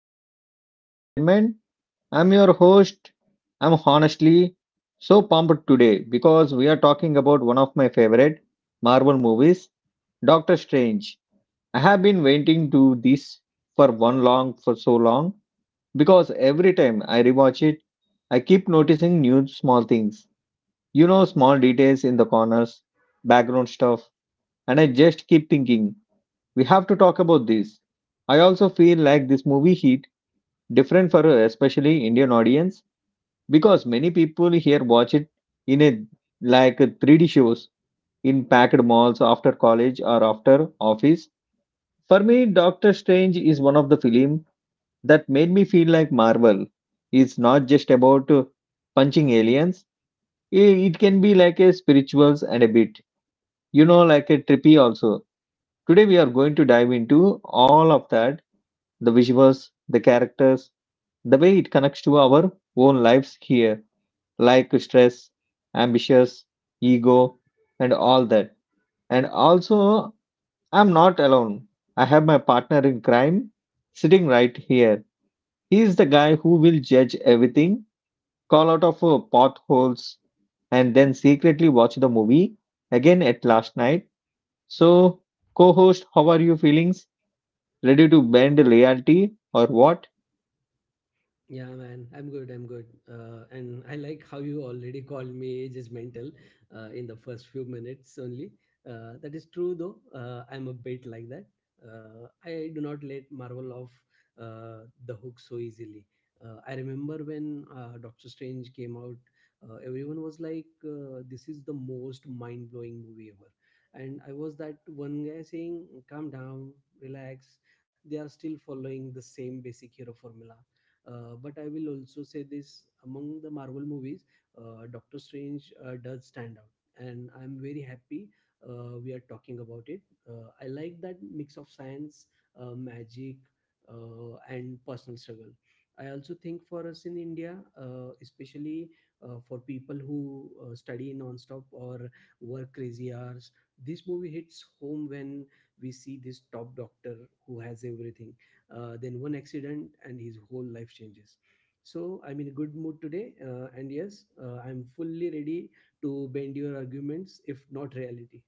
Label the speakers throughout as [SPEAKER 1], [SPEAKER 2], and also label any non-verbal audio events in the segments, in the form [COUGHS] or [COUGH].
[SPEAKER 1] our podcast entertainment. I'm your host. I'm honestly so pumped today because we are talking about one of my favorite Marvel movies, Doctor Strange. I have been waiting to this for one long for so long because every time I rewatch it, I keep noticing new small things. You know, small details in the corners, background stuff, and I just keep thinking we have to talk about this. I also feel like this movie hit different for a especially Indian audience because many people here watch it in a like a 3D shows in packed malls after college or after office. For me, Doctor Strange is one of the film that made me feel like Marvel. It's not just about punching aliens. It can be like a spirituals and a bit, you know, like a trippy also. Today we are going to dive into all of that: the visuals, the characters, the way it connects to our own lives here, like stress, ambitions, ego, and all that. And also, I'm not alone. I have my partner in crime sitting right here. He is the guy who will judge everything, call out of potholes, and then secretly watch the movie again at last night. So, co host, how are you feelings? Ready to bend loyalty or what?
[SPEAKER 2] Yeah, man, I'm good. I'm good. And I like how you already [LAUGHS] called me age judgmental in the first few minutes only. That is true, though. I'm a bit like that. I do not let Marvel off the hook so easily. I remember when Doctor Strange came out, everyone was like, this is the most mind blowing movie ever. And I was that one guy saying, calm down, relax. They are still following the same basic hero formula but I will also say this, among the Marvel movies, Doctor Strange does stand out, and I'm very happy we are talking about it. I like that mix of science, magic, and personal struggle. I also think for us in India, especially for people who study nonstop or work crazy hours, this movie hits home when we see this top doctor who has everything, then one accident and his whole life changes. So I'm in a good mood today, and yes, I'm fully ready to bend your arguments, if not reality.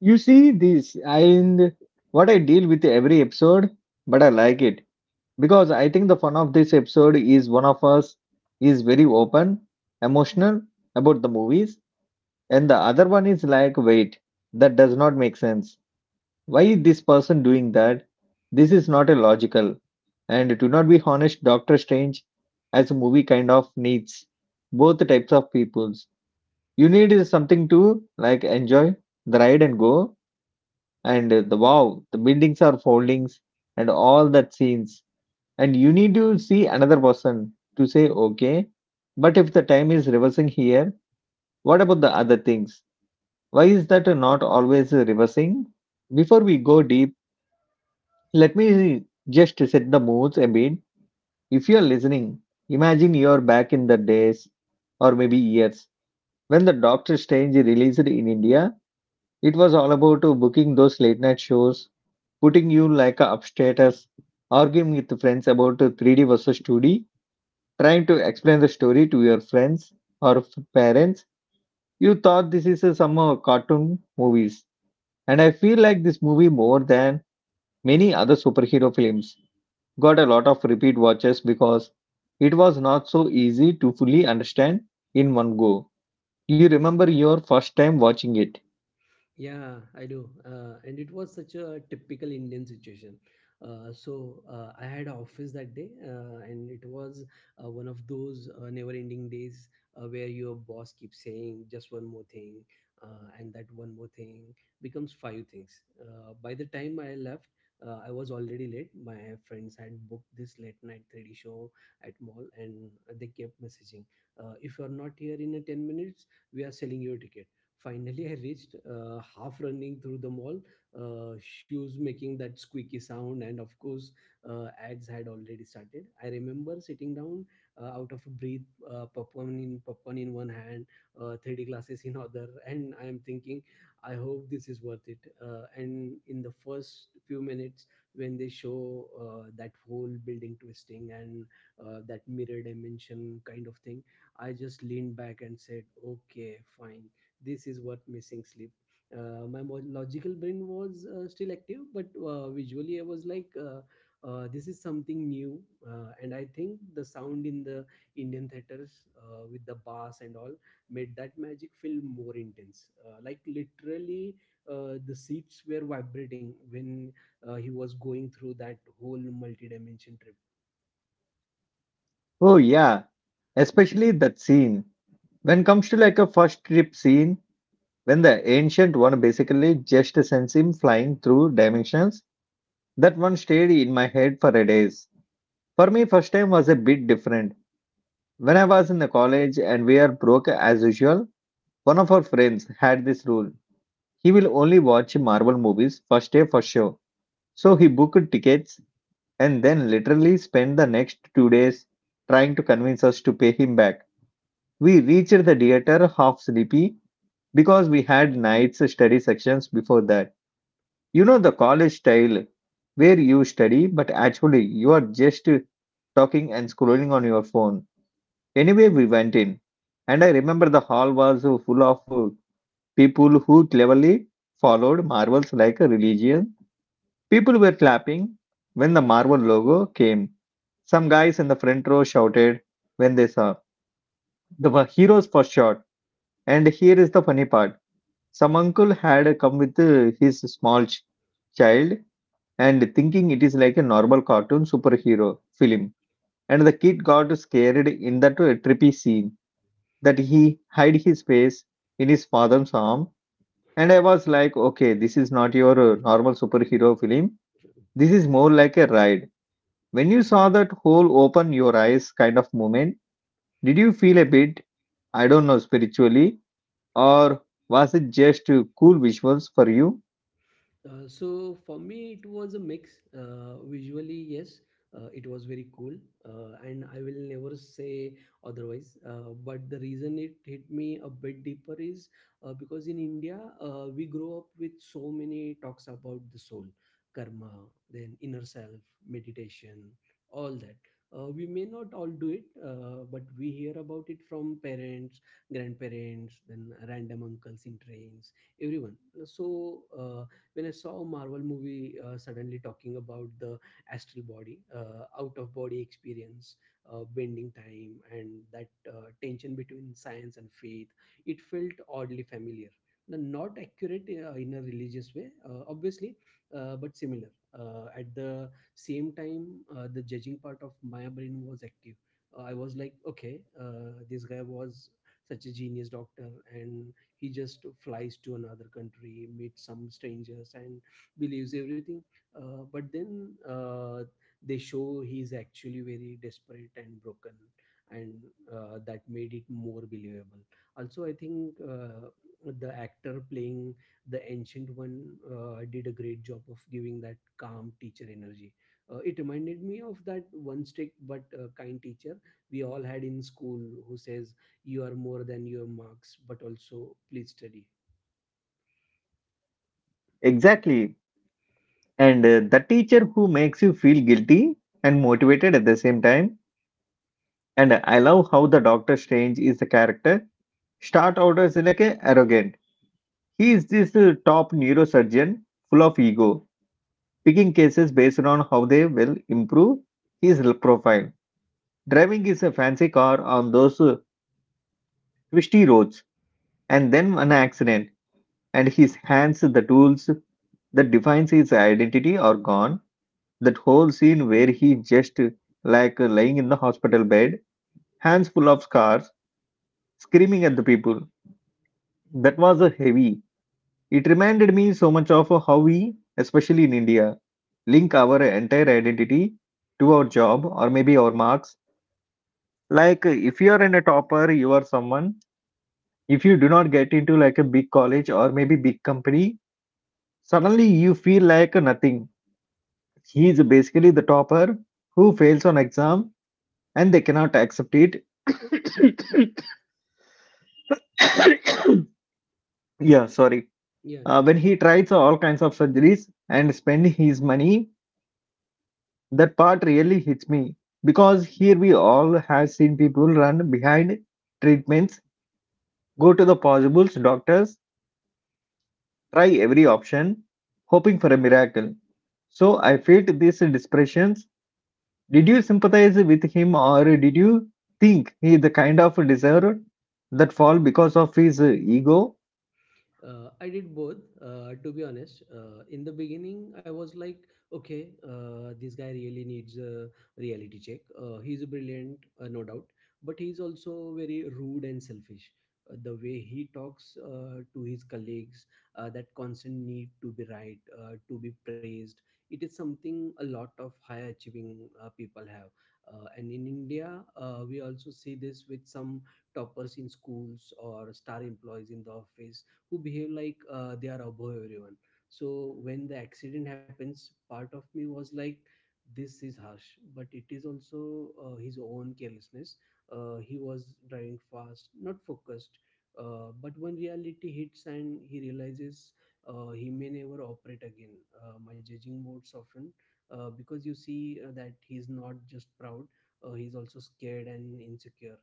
[SPEAKER 1] You see this, and what I deal with every episode, but I like it because I think the fun of this episode is one of us is very open, emotional about the movies, and the other one is like, wait, that does not make sense. Why is this person doing that? This is not a logical. And to not be honest, Doctor Strange as a movie kind of needs both types of peoples. You need something to like enjoy the ride and go, and the wow, the buildings are foldings and all that scenes. And you need to see another person to say, okay, but if the time is reversing here, what about the other things? Why is that not always reversing? Before we go deep, let me just set the moods a bit. If you are listening, imagine you are back in the days or maybe years when the Doctor Strange released in India. It was all about booking those late night shows, putting you like a upstatus, arguing with friends about 3D versus 2D, trying to explain the story to your friends or parents. You thought this is some cartoon movies. And I feel like this movie more than many other superhero films got a lot of repeat watches because it was not so easy to fully understand in one go. You remember your first time watching it.
[SPEAKER 2] Yeah, I do. And it was such a typical Indian situation. I had office that day, and it was one of those never-ending days where your boss keeps saying just one more thing, and that one more thing becomes five things. By the time I left, I was already late. My friends had booked this late-night 3D show at mall, and they kept messaging, "If you are not here in a 10 minutes, we are selling your ticket." Finally, I reached, half running through the mall, shoes making that squeaky sound, and of course, ads had already started. I remember sitting down, out of breath, popcorn in one hand, 3D glasses in [LAUGHS] other, and I am thinking, I hope this is worth it. And in the first few minutes, when they show that whole building twisting and that mirror dimension kind of thing, I just leaned back and said, okay, fine, this is what missing sleep. My logical brain was still active, but visually I was like, this is something new. And I think the sound in the Indian theaters, with the bass and all, made that magic feel more intense, like literally the seats were vibrating when he was going through that whole multi-dimension trip.
[SPEAKER 1] Oh yeah, especially that scene. When comes to like a first trip scene, when the ancient one basically just sends him flying through dimensions, that one stayed in my head for a days. For me, first time was a bit different. When I was in the college and we are broke as usual, one of our friends had this rule. He will only watch Marvel movies first day for sure. So he booked tickets and then literally spent the next 2 days trying to convince us to pay him back. We reached the theater half sleepy because we had nights study sections before that. You know the college style where you study, but actually you are just talking and scrolling on your phone. Anyway, we went in, and I remember the hall was full of people who cleverly followed marvels like a religion. People were clapping when the Marvel logo came. Some guys in the front row shouted when they saw the heroes for short. And here is the funny part: some uncle had come with his small child and thinking it is like a normal cartoon superhero film, and the kid got scared in that trippy scene that he hid his face in his father's arm, and I was like, okay, this is not your normal superhero film.
[SPEAKER 2] [LAUGHS]
[SPEAKER 1] This is more like a ride. When you
[SPEAKER 2] Yeah.
[SPEAKER 1] saw that whole open your eyes kind of moment, did you feel a bit, I don't know, spiritually, or was it just cool visuals for you?
[SPEAKER 2] So for me, it was a mix. Visually, yes, it was very cool, and I will never say otherwise. But the reason it hit me a bit deeper is because in India, we grow up with so many talks about the soul, karma, then inner self, meditation, all that. We may not all do it, but we hear about it from parents, grandparents, then random uncles in trains, everyone. So. When I saw a Marvel movie suddenly talking about the astral body, out of body experience, bending time, and that tension between science and faith, it felt oddly familiar. Now, not accurate in a religious way, obviously, but similar at the same time. The judging part of my brain was active. I was like, okay, this guy was such a genius doctor, and he just flies to another country, meets some strangers, and believes everything. But then they show he's actually very desperate and broken, and that made it more believable. Also, I think the actor playing the ancient one did a great job of giving that calm teacher energy. It reminded me of that one strict but kind teacher we all had in school, who says you are more than your marks, but also please study.
[SPEAKER 1] Exactly, and the teacher who makes you feel guilty and motivated at the same time. And I love how the Doctor Strange is the character. Start out as like a arrogant. He is this top neurosurgeon full of ego, picking cases based on how they will improve his profile. Driving his fancy car on those twisty roads, and then an accident, and his hands, the tools that defines his identity, are gone. That whole scene where he just like lying in the hospital bed, hands full of scars, screaming at the people. That was a heavy. It reminded me so much of how we, especially in India, link our entire identity to our job or maybe our marks. Like if you are in a topper, you are someone. If you do not get into like a big college or maybe big company, suddenly you feel like nothing. He is basically the topper who fails on exam and they cannot accept it. [COUGHS] Yeah, sorry.
[SPEAKER 2] Yeah, it's
[SPEAKER 1] When
[SPEAKER 2] okay.
[SPEAKER 1] he tries all kinds of surgeries and spend his money, that part really hits me because here we all have seen people run behind treatments, go to the possible doctors, try every option, hoping for a miracle. So I felt these depressions. Did you sympathize with him, or did you think he the kind of deserved that fall because of his ego?
[SPEAKER 2] I did both, to be honest. In the beginning, I was like, okay, this guy really needs a reality check. He's brilliant, no doubt, but he's also very rude and selfish. The way he talks to his colleagues, that constant need to be right, to be praised, it is something a lot of high achieving people have. And in India, we also see this with some toppers in schools or star employees in the office, who behave like they are above everyone. So when the accident happens, part of me was like, this is harsh, but it is also his own carelessness. He was driving fast, not focused. But when reality hits and he realizes he may never operate again, my judging mode softened, because you see that he's not just proud, he's also scared and insecure.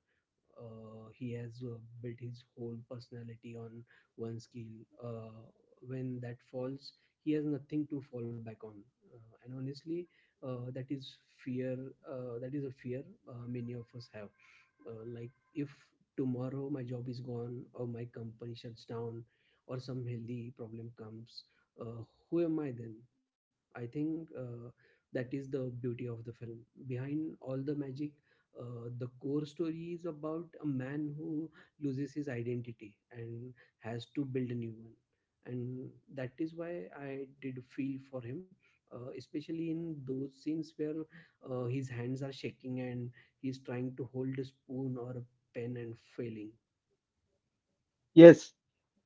[SPEAKER 2] He has built his whole personality on one skill. Uh, when that falls, he has nothing to fall back on. And honestly, that is fear. That is a fear many of us have, like if tomorrow my job is gone, or my company shuts down, or some healthy problem comes, uh, who am I then? I think that is the beauty of the film. Behind all the magic, the core story is about a man who loses his identity and has to build a new one. And that is why I did feel for him, especially in those scenes where his hands are shaking and he's trying to hold a spoon or a pen and failing.
[SPEAKER 1] Yes.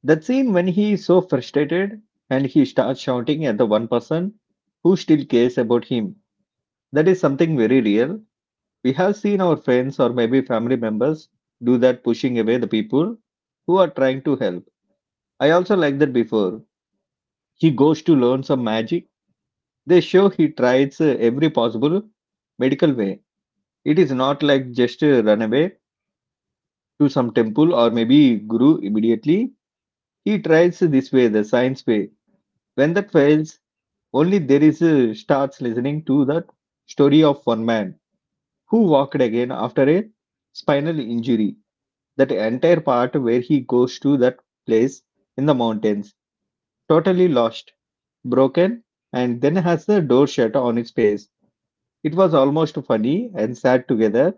[SPEAKER 1] That scene when he is so frustrated and he starts shouting at the one person who still cares about him. That is something very real. We have seen our friends or maybe family members do that, pushing away the people who are trying to help. I also like that before he goes to learn some magic, they show he tries every possible medical way. It is not like just run away to some temple or maybe guru immediately. He tries this way, the science way. When that fails, only there is starts listening to that story of one man who walked again after a spinal injury. That entire part where he goes to that place in the mountains, totally lost, broken, and then has the door shut on its face. It was almost funny and sad together.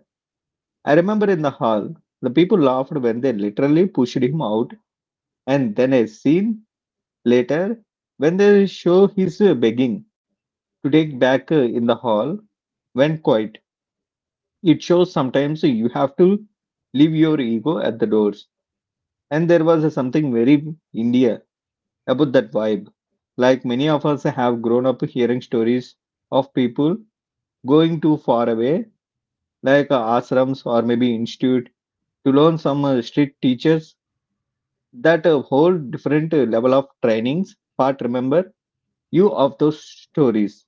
[SPEAKER 1] I remember in the hall, the people laughed when they literally pushed him out, and then a scene later when they show his begging to take back in the hall, went quiet. It shows sometimes so you have to leave your ego at the doors. And there was a something very India about that vibe. Like many of us have grown up hearing stories of people going too far away, like ashrams or maybe institute, to learn some strict teachers. That a whole different level of trainings part. Remember you of those stories.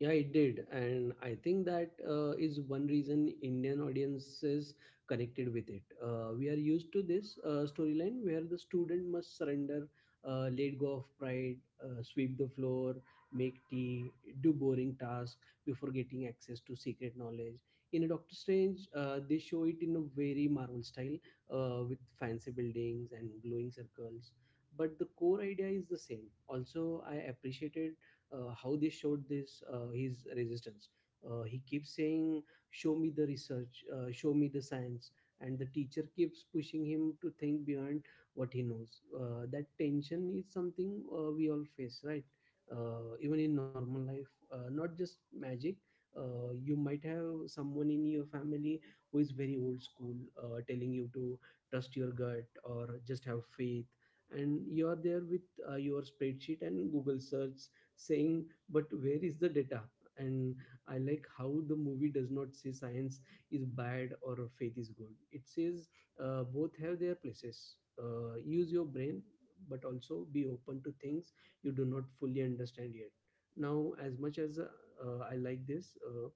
[SPEAKER 2] Yeah, it did, and I think that, is one reason Indian audiences connected with it. We are used to this storyline where the student must surrender, let go of pride, sweep the floor, make tea, do boring tasks before getting access to secret knowledge. In a Doctor Strange, they show it in a very Marvel style with fancy buildings and glowing circles. But the core idea is the same. Also, I appreciated how they showed this, his resistance. He keeps saying, "Show me the research, show me the science," and the teacher keeps pushing him to think beyond what he knows. That tension is something we all face, right? Even in normal life, not just magic. You might have someone in your family who is very old school, telling you to trust your gut or just have faith, and you're there with your spreadsheet and google search saying, but where is the data? And I like how the movie does not say science is bad or faith is good. It says both have their places. Use your brain, but also be open to things you do not fully understand yet. Now, as much as I like this,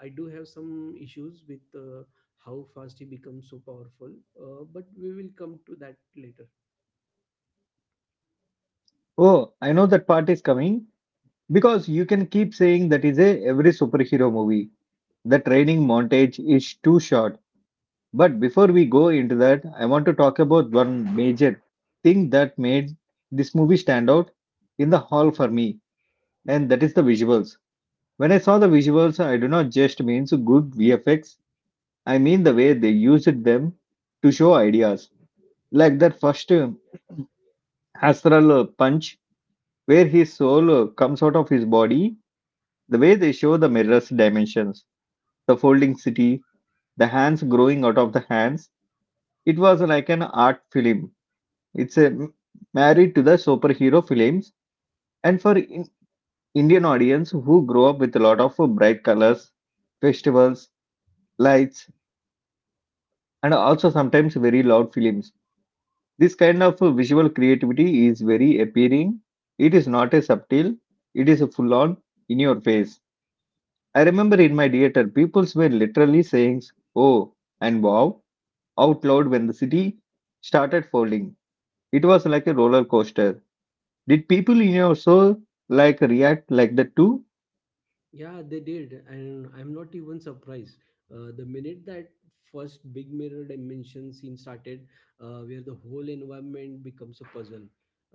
[SPEAKER 2] I do have some issues with how fast he becomes so powerful, but we will come to that later.
[SPEAKER 1] Oh, I know that part is coming because you can keep saying that is a every superhero movie. The training montage is too short. But before we go into that, I want to talk about one major thing that made this movie stand out in the hall for me, and that is the visuals. When I saw the visuals, I do not just mean so good VFX, I mean the way they used them to show ideas. Like that first astral punch, where his soul comes out of his body, the way they show the mirror's dimensions, the folding city, the hands growing out of the hands. It was like an art film. It's a married to the superhero films, and for Indian audience who grow up with a lot of bright colors, festivals, lights, and also sometimes very loud films. This kind of visual creativity is very appealing. It is not a subtle. It is a full on in your face. I remember in my theater, peoples were literally saying "oh" and "wow" out loud when the city started folding. It was like a roller coaster. Did people in your soul like react like that too?
[SPEAKER 2] Yeah, they did, and I'm not even surprised. The minute that first big mirror dimension scene started, where the whole environment becomes a puzzle,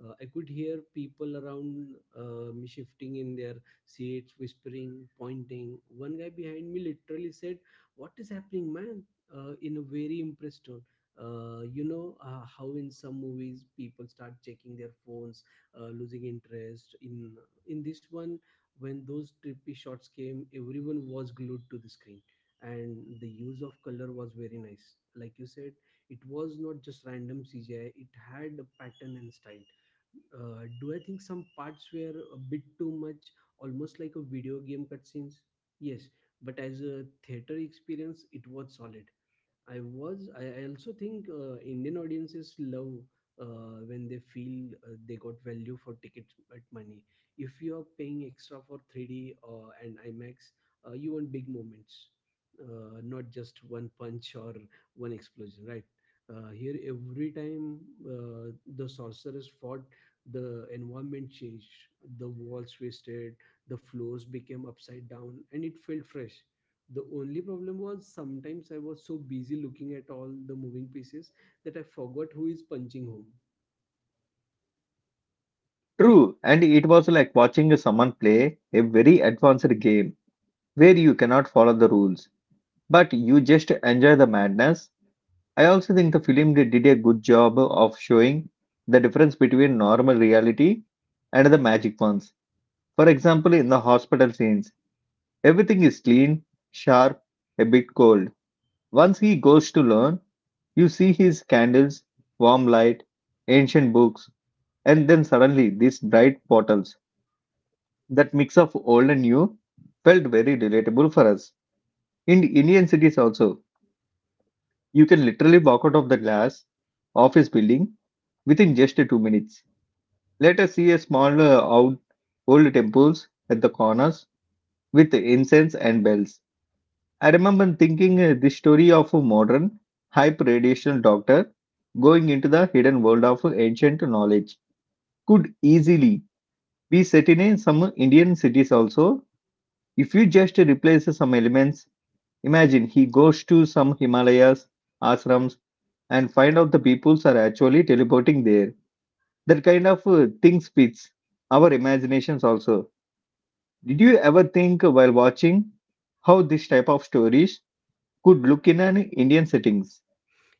[SPEAKER 2] I could hear people around me shifting in their seats, whispering, pointing. One guy behind me literally said, "What is happening, man?" In a very impressed tone. You know how in some movies people start checking their phones, losing interest. In this one, when those trippy shots came, everyone was glued to the screen, and the use of color was very nice. Like you said, it was not just random CGI; it had a pattern and style. Do I think some parts were a bit too much, almost like a video game cutscenes? Yes, but as a theater experience, it was solid. I also think Indian audiences love when they feel they got value for ticket but money. If you are paying extra for 3D and IMAX, you want big moments, not just one punch or one explosion, right? Here, every time uh, the sorcerers fought, the environment changed. The walls twisted, the floors became upside down, and it felt fresh. The only problem was, sometimes I was so busy looking at all the moving pieces that I forgot who is punching whom.
[SPEAKER 1] True, and it was like watching someone play a very advanced game where you cannot follow the rules, but you just enjoy the madness. I also think the film did a good job of showing the difference between normal reality and the magic ones. For example, in the hospital scenes, everything is clean, sharp, a bit cold. Once he goes to learn, you see his candles, warm light, ancient books, and then suddenly, these bright bottles, that mix of old and new, felt very relatable for us. In Indian cities, also, you can literally walk out of the glass office building within just 2 minutes. Let us see a small out old temples at the corners with incense and bells. I remember thinking the story of a modern, hype radiational doctor going into the hidden world of ancient knowledge could easily be set in some Indian cities also. If you just replace some elements, imagine he goes to some Himalayas, ashrams, and find out the peoples are actually teleporting there. That kind of things fits our imaginations also. Did you ever think while watching how this type of stories could look in an Indian settings?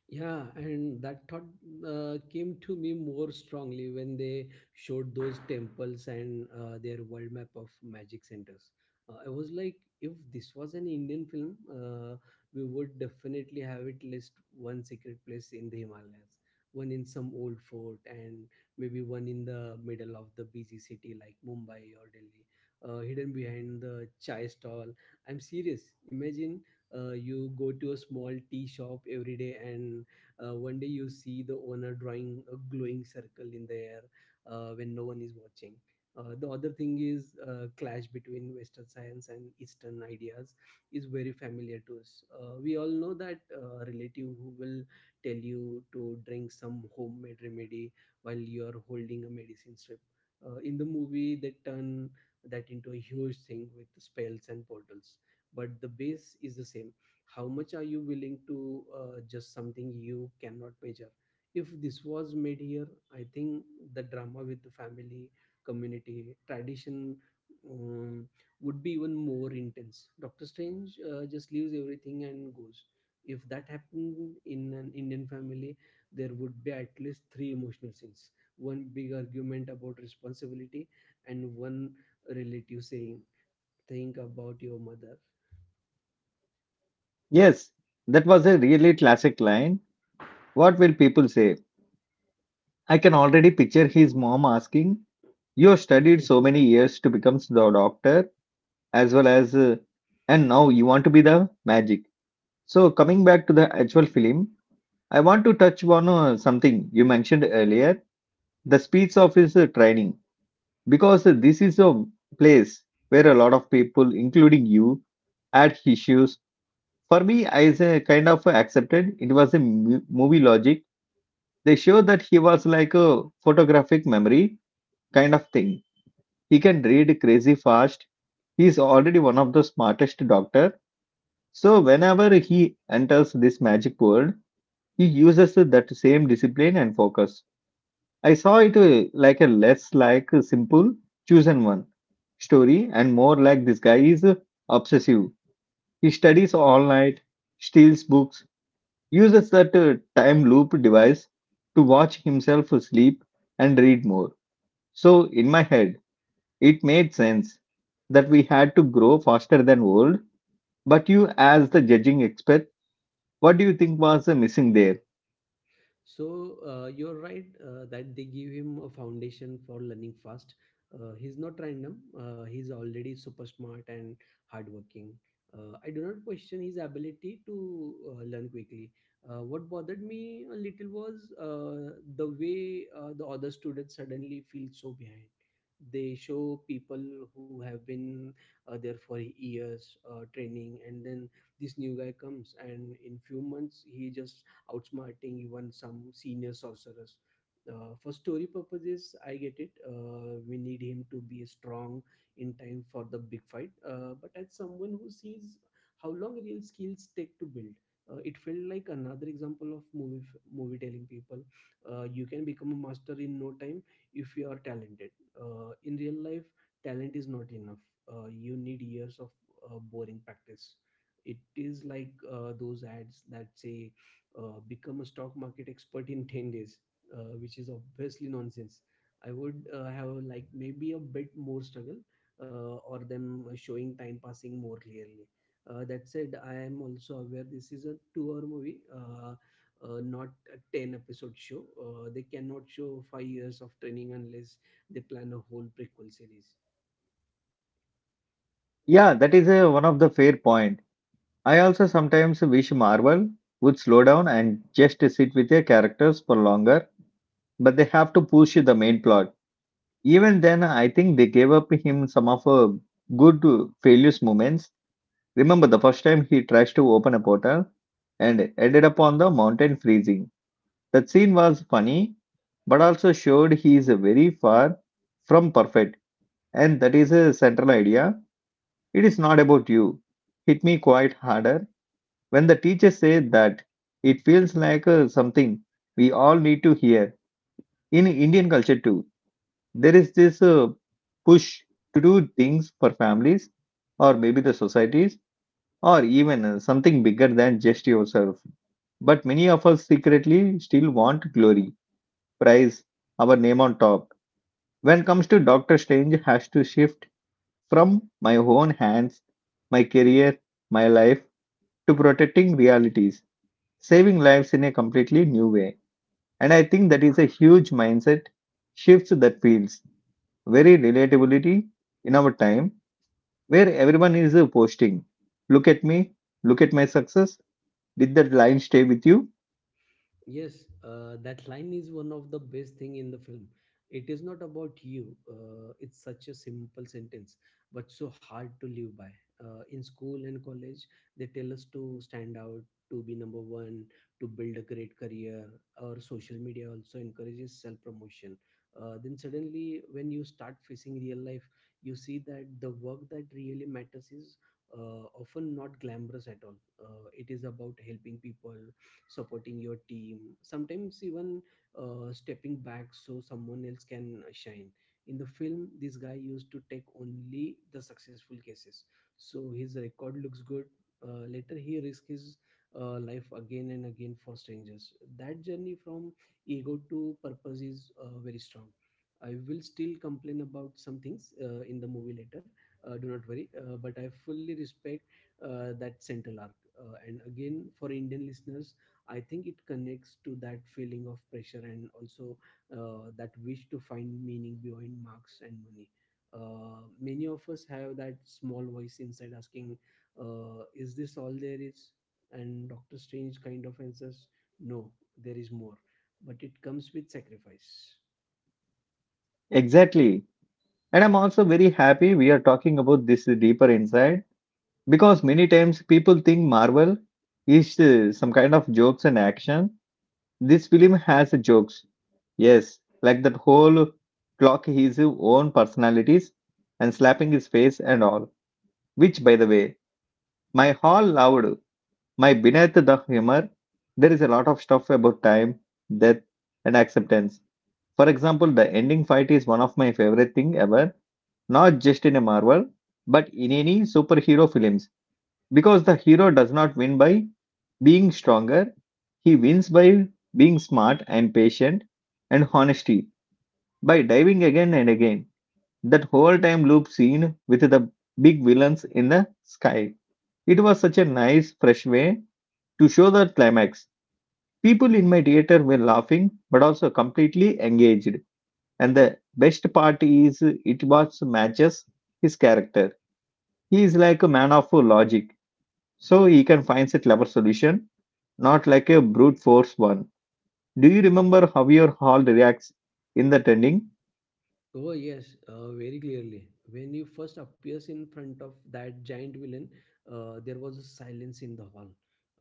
[SPEAKER 2] Yeah, and that thought, came to me more strongly when they showed those temples and their world map of magic centers. I was like, if this was an Indian film, we would definitely have at least one secret place in the Himalayas, one in some old fort, and maybe one in the middle of the busy city like Mumbai or Delhi, hidden behind the chai stall. I'm serious. Imagine you go to a small tea shop every day, and one day you see the owner drawing a glowing circle in the air when no one is watching. The other thing is clash between Western science and Eastern ideas is very familiar to us. We all know that relative who will tell you to drink some homemade remedy while you're holding a medicine strip. In the movie, they turn that into a huge thing with spells and portals, but the base is the same. How much are you willing to just something you cannot measure? If this was made here, I think the drama with the family, community, tradition, um, would be even more intense. Doctor Strange just leaves everything and goes. If that happened in an Indian family, there would be at least three emotional scenes, one big argument about responsibility, and one relative saying, think about your mother.
[SPEAKER 1] Yes, that was a really classic line. What will people say? I can already picture his mom asking, you have studied so many
[SPEAKER 2] [LAUGHS]
[SPEAKER 1] years to become the doctor as well as, and now you want to be the magic. So coming back to the actual film, I want to touch on something you mentioned earlier, the speech of his training, because this is a place where a lot of people, including you, had issues. For me, I kind of accepted it was a movie logic. They show that he was like a photographic memory kind of thing. He can read crazy fast. He is already one of the smartest doctor. So, whenever he enters this magic world, he uses that same discipline and focus. I saw it like a less like a simple chosen one story and more like this guy is obsessive. He studies all night, steals books, uses that time loop device to watch himself sleep and read more. So, in my head, it made sense that we had to grow faster than world, but you, as the judging expert, what do you think was missing there?
[SPEAKER 2] So you're right that they give him a foundation for learning fast. He's not random. He's already super smart and hardworking. I do not question his ability to learn quickly. What bothered me a little was the way the other students suddenly feel so behind. They show people who have been there for years training, and then this new guy comes, and in few months he just outsmarting even some senior sorcerers. For story purposes, I get it. We need him to be strong in time for the big fight. But as someone who sees how long real skills take to build, it felt like another example of movie telling people you can become a master in no time if you are talented. In real life, talent is not enough. You need years of boring practice. It is like those ads that say become a stock market expert in 10 days, which is obviously nonsense. I would have like maybe a bit more struggle or them showing time passing more clearly. That said, I am also aware this is a two-hour movie, not a ten-episode show. They cannot show 5 years of training unless they plan a whole prequel series.
[SPEAKER 1] Yeah, that is one of the fair point. I also sometimes wish Marvel would slow down and just sit with their characters for longer, but they have to push the main plot. Even then, I think they gave up him some of good failures moments. Remember the first time he tries to open a portal and ended up on the mountain freezing. That scene was funny, but also showed he is very far from perfect, and that is a central idea. It is not about you. Hit me quite harder when the teacher said that. It feels like something we all need to hear. In Indian culture, too, there is this push to do things for families, or maybe the societies, or even something bigger than just yourself. But many of us secretly still want glory, prize, our name on top. When comes to Doctor Strange has to shift from my own hands, my career, my life to protecting realities, saving lives in a completely new way. And I think that is a huge mindset shift that feels very relatability in our time, where everyone is posting, look at me, look at my success. Did that line stay with you?
[SPEAKER 2] Yes, that line is one of the best thing in the film. It is not about you. It's such a simple sentence, but so hard to live by. In school and college, they tell us to stand out, to be number one, to build a great career. Our social media also encourages self-promotion. Then suddenly, when you start facing real life, you see that the work that really matters is often not glamorous at all. It is about helping people, supporting your team, sometimes even stepping back so someone else can shine. In the film, this guy used to take only the successful cases so his record looks good. Later, he risked his life again and again for strangers. That journey from ego to purpose is very strong. I will still complain about some things in the movie later, do not worry, but I fully respect that central arc. And again, for Indian listeners, I think it connects to that feeling of pressure, and also that wish to find meaning beyond marks and money. Many of us have that small voice inside asking, is this all there is? And Dr. Strange kind of answers, no, there is more, but it comes with sacrifice.
[SPEAKER 1] Exactly. And I'm also very happy we are talking about this deeper inside, because many times people think Marvel is some kind of jokes and action. This film has jokes. Yes, like that whole clock his own personalities and slapping his face and all. Which, by the way, my hall loved. My beneath the humor, there is a lot of stuff about time, death, and acceptance. For example, the ending fight is one of my favorite thing ever. Not just in a Marvel, but in any superhero films, because the hero does not win by being stronger. He wins by being smart and patient and honest, by diving again and again. That whole time loop scene with the big villains in the sky. It was such a nice, fresh way to show the climax. People in my theater were laughing but also completely engaged. And the best part is it was matches his character. He is like a man of logic, so he can find a clever solution, not like a brute force one. Do you remember how your hall reacts in the ending?
[SPEAKER 2] Oh yes, very clearly. When he first appears in front of that giant villain, there was a silence in the hall.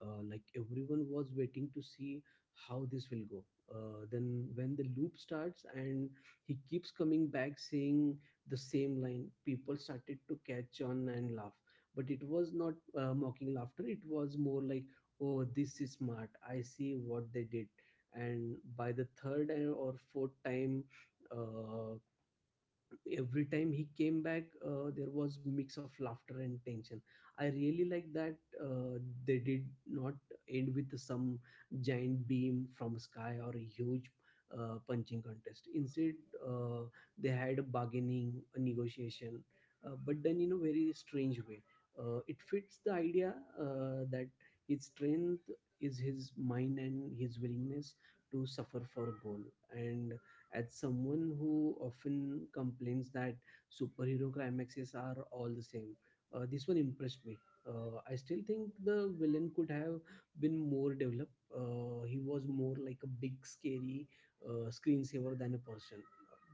[SPEAKER 2] Like everyone was waiting to see how this will go. Then when the loop starts and he keeps coming back saying the same line, people started to catch on and laugh. But it was not mocking laughter. It was more like, "Oh, this is smart. I see what they did." And by the or fourth time. Uh, every time he came back there was mix of laughter and tension. I really like that uh, they did not end with some giant beam from sky or a huge punching contest. Instead, uh, they had bargaining, a negotiation, but done in a very strange way. It fits the idea that his strength is his mind and his willingness to suffer for a goal. And as someone who often complains that superhero climaxes are all the same, this one impressed me. I still think the villain could have been more developed. He was more like a big scary screensaver than a person,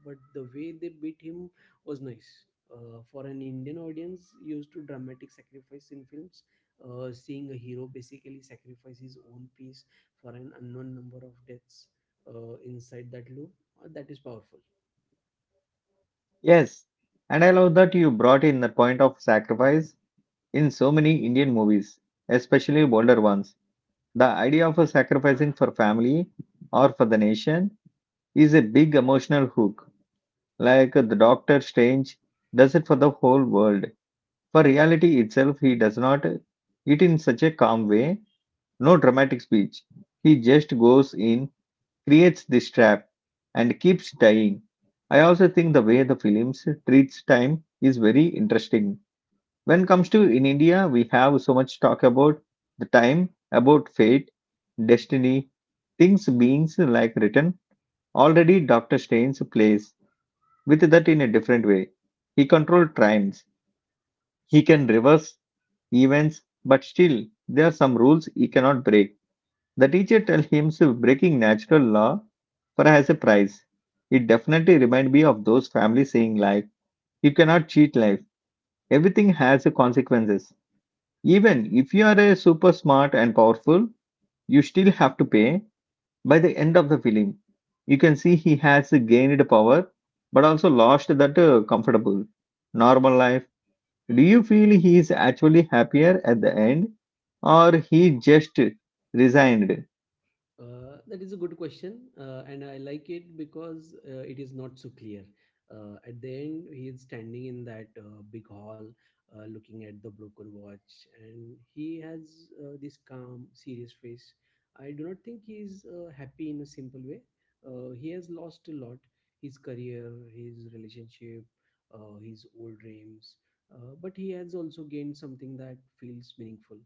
[SPEAKER 2] but the way they beat him was nice. For an Indian audience used to dramatic sacrifice in films, seeing a hero basically sacrifice his own peace for an unknown number of deaths inside that loop, that is powerful.
[SPEAKER 1] Yes, and I love that you brought in the point of sacrifice in so many Indian movies, especially older ones. The idea of sacrificing for family or for the nation is a big emotional hook. Like the Doctor Strange does it for the whole world. For reality itself, he does not it in such a calm way, no dramatic speech. He just goes in, creates this trap and keeps dying. I also think the way the films treats time is very interesting. When it comes to in India, we have so much talk about the time, about fate, destiny, things beings like written already. Doctor Strange plays with that in a different way. He controls times, he can reverse events, but still there are some rules he cannot break. The teacher tells him so breaking natural law for has a price. It definitely reminds me of those families saying like, you cannot cheat life. Everything has a consequences. Even if you are a super smart and powerful, you still have to pay. By the end of the film, you can see he has gained power, but also lost that comfortable, normal life. Do you feel he is actually happier at the end, or he just resigned?
[SPEAKER 2] That is a good question, and I like it because it is not so clear. At the end, he is standing in that big hall, looking at the broken watch, and he has this calm, serious face. I do not think he is happy in a simple way. He has lost a lot: his career, his relationship, his old dreams. But he has also gained something that feels meaningful.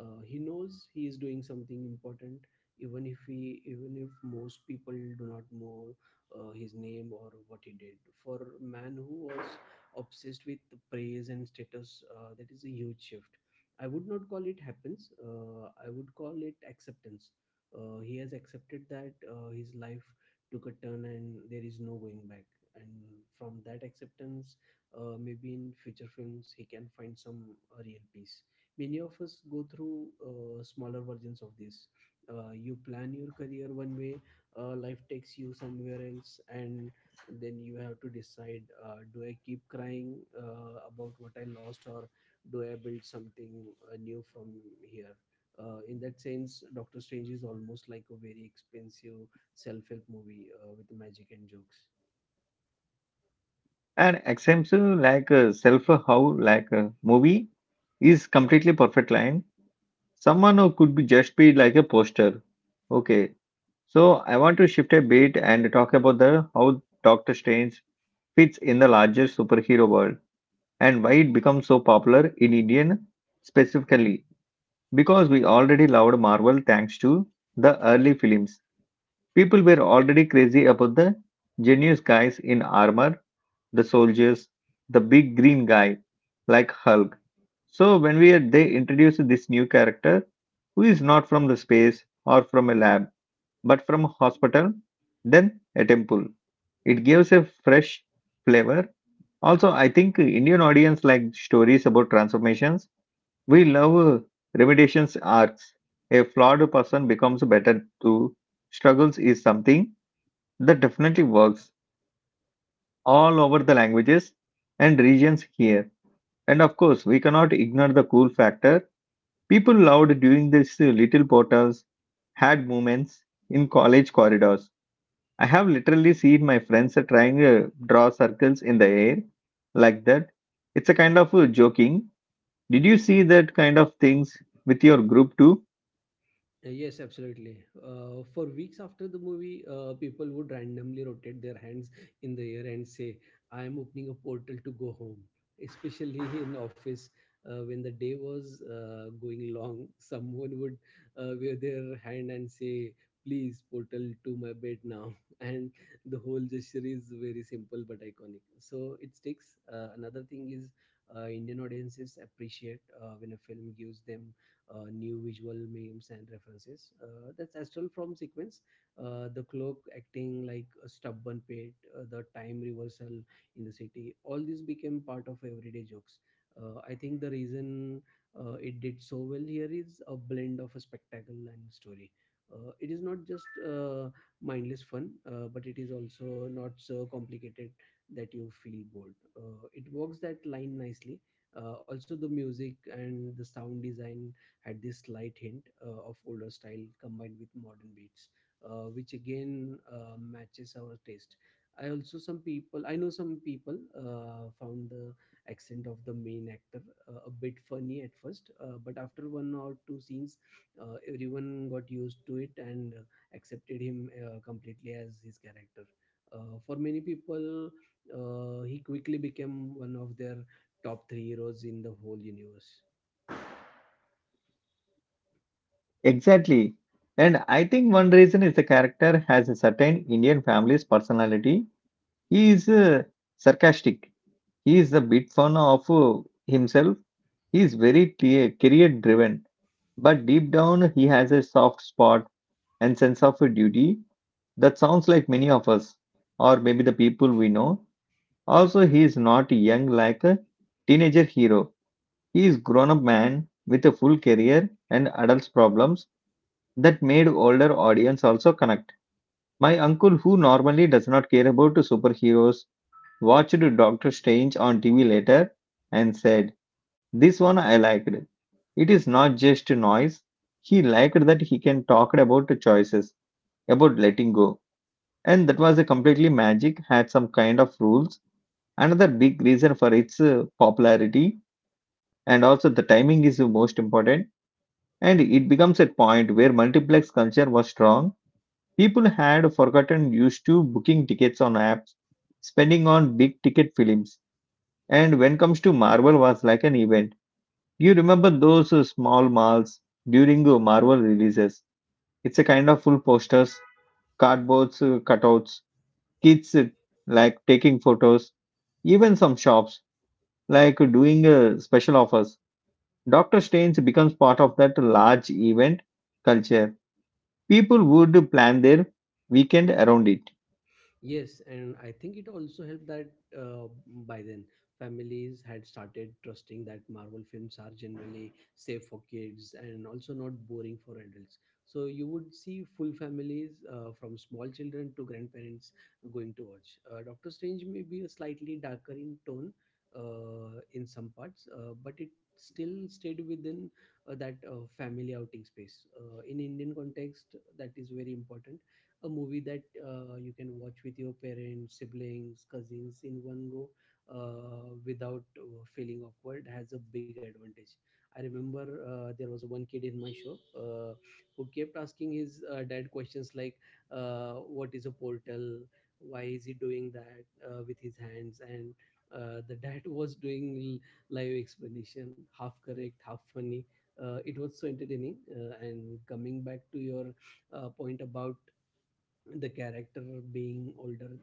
[SPEAKER 2] He knows he is doing something important, even if most people do not know his name or what he did. For a man who was obsessed with praise and status, that is a huge shift. I would not call it happens, I would call it acceptance. He has accepted that his life took a turn and there is no going back. And from that acceptance, maybe in future films he can find some real peace. Many of us go through smaller versions of this. You plan your career one way, life takes you somewhere else, and then you have to decide, do I keep crying about what I lost, or do I build something new from here? In that sense, Doctor Strange is almost like a very expensive self-help movie with magic and jokes.
[SPEAKER 1] An example like self how like a movie is completely perfect line. Someone who could be just be like a poster. Okay, so I want to shift a bit and talk about the how Doctor Strange fits in the larger superhero world and why it becomes so popular in Indian specifically, because we already loved Marvel thanks to the early films. People were already crazy about the genius guys in armor, the soldiers, the big green guy like Hulk. So when we they introduced this new character who is not from the space or from a lab but from a hospital, then a temple. It gives a fresh flavor. Also, I think Indian audience like stories about transformations. We love remediations arcs. A flawed person becomes better through struggles is something that definitely works all over the languages and regions here. And of course, we cannot ignore the cool factor. People loved during these little portals had moments in college corridors. I have literally seen my friends trying to draw circles in the air like that. It's a kind of joking. Did you see that kind of things with your group too?
[SPEAKER 2] Yes, absolutely. For weeks after the movie, people would randomly rotate their hands in the air and say, I am opening a portal to go home. [LAUGHS] Especially in office, when the day was going long, [LAUGHS] someone would wave their hand and say, Please, portal to my bed now. [LAUGHS] And the whole gesture is very simple but iconic. So it sticks. Another thing is, Indian audiences appreciate when a film gives them new visual memes and references. That's Astral from sequence. The clock acting like a stubborn pit, the time reversal in the city. All these became part of everyday jokes. I think the reason it did so well here is a blend of a spectacle and story. It is not just uh, mindless fun, but it is also not so complicated that you feel bored. It works that line nicely. Also, the music and the sound design had this slight hint of older style combined with modern beats, which again matches our taste. I know some people found the accent of the main actor a bit funny at first, but after one or two scenes, everyone got used to it and accepted him completely as his character. For many people, he quickly became one of their top three heroes in the whole universe.
[SPEAKER 1] Exactly. And I think one reason is the character has a certain Indian family's personality. He is sarcastic. He is a bit fun of himself. He is very career driven, but deep down he has a soft spot and sense of duty that sounds like many of us, or maybe the people we know. Also, he is not young like a teenager hero. He is grown-up man with a full career and adults problems that made older audience also connect. My uncle, who normally does not care about superheroes, watched Doctor Strange on TV later and said, this one I liked. It is not just noise. He liked that he can talk about the choices, about letting go. And that was a completely magic, had some kind of rules. Another big reason for its popularity, and also the timing is the most important. And it becomes a point where multiplex culture was strong. People had forgotten used to booking tickets on apps, spending on big ticket films. And when comes to Marvel was like an event. You remember those small malls during Marvel releases. It's a kind of full posters, cardboards, cutouts, kids like taking photos, even some shops like doing special offers. Doctor Strange becomes part of that large event culture. People would plan their weekend around it.
[SPEAKER 2] Yes, and I think it also helped that uh, by then families had started trusting that Marvel films are generally safe for kids and also not boring for adults. So you would see full families from small children to grandparents going to watch. Doctor Strange may be slightly darker in tone in some parts, but it still stayed within that family outing space. In Indian context, that is very important. A movie that you can watch with your parents, siblings, cousins in one go without feeling awkward has a big advantage. I remember there was one kid in my show who kept asking his dad questions like, "What is a portal? Why is he doing that with his hands?" And the dad [LAUGHS] was doing live explanation, half correct, half funny. It was so entertaining. And coming back to your point about the character being older,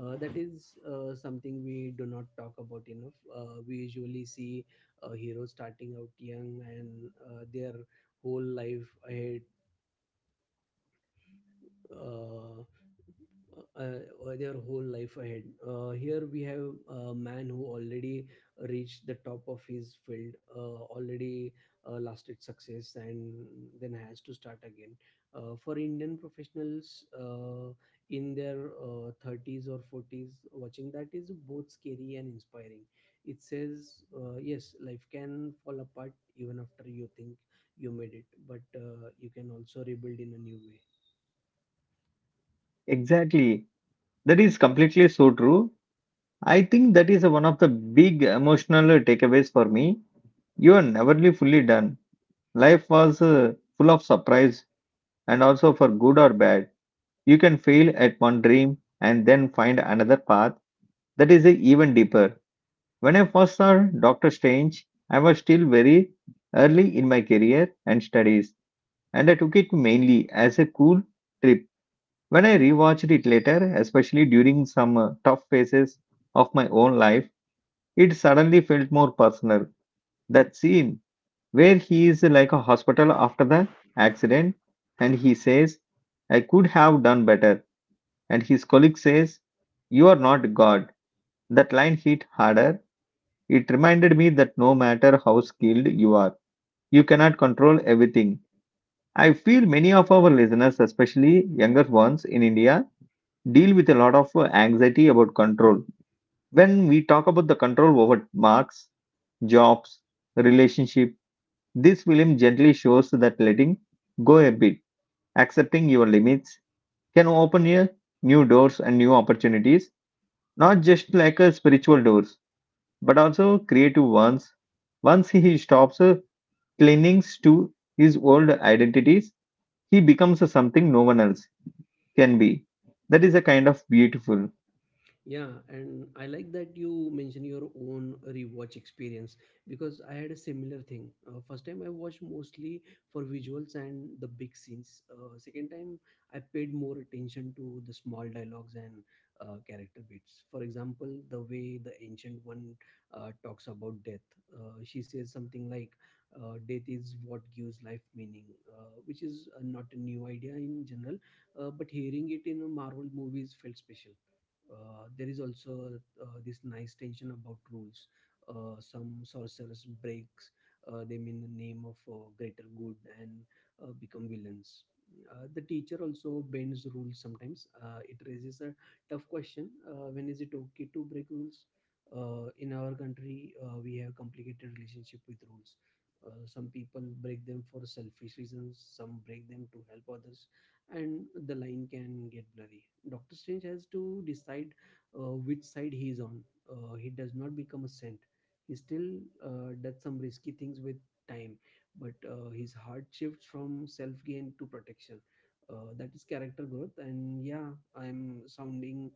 [SPEAKER 2] that is something we do not talk about enough. We usually see heroes starting out young and their whole life ahead uh, their whole life ahead. Here we have a man who already reached the top of his field, already lasted success, and then has to start again. For Indian professionals in their 30s or 40s, watching that is both scary and inspiring. It says, yes, life can fall apart even after you think you made it, but you can also rebuild in a new way.
[SPEAKER 1] Exactly. That is completely so true. I think that is one of the big emotional takeaways for me. You are neverly fully done. Life was full of surprise, and also for good or bad. You can fail at one dream and then find another path that is even deeper. When I first saw Doctor Strange, I was still very early in my career and studies, and I took it mainly as a cool trip. When I rewatched it later, especially during some tough phases of my own life, it suddenly felt more personal. That scene where he is like a hospital after the accident and he says, "I could have done better," and his colleague says, "You are not God." That line hit harder. It reminded me that no matter how skilled you are, you cannot control everything. I feel many of our listeners, especially younger ones in India, deal with a lot of anxiety about control. When we talk about the control over marks, jobs, relationship, this film gently shows that letting go a bit, accepting your limits, can open you new doors and new opportunities, not just like a spiritual doors, but also creative ones. Once he stops clinging to his old identities, he becomes something no one else can be. That is a kind of beautiful.
[SPEAKER 2] Yeah, and I like that you mention your own rewatch experience because I had a similar thing. First time I watched mostly for visuals and the big scenes. Second time I paid more attention to the small dialogues and character beats. For example, the way the ancient one talks about death. She says something like, "Death is what gives life meaning," which is not a new idea in general, but hearing it in a Marvel movies felt special. There is also this nice tension about rules. Some sorcerers breaks them in the name of greater good and become villains. The teacher also bends rules sometimes. It raises a tough question: when is it okay to break rules? In our country, we have complicated relationship with rules. Some people break them for selfish reasons. Some break them to help others and the line can get blurry. Doctor Strange has to decide which side he is on. He does not become a saint. He still does some risky things with time, but his heart shifts from self gain to protection. That is character growth, and yeah, I'm sounding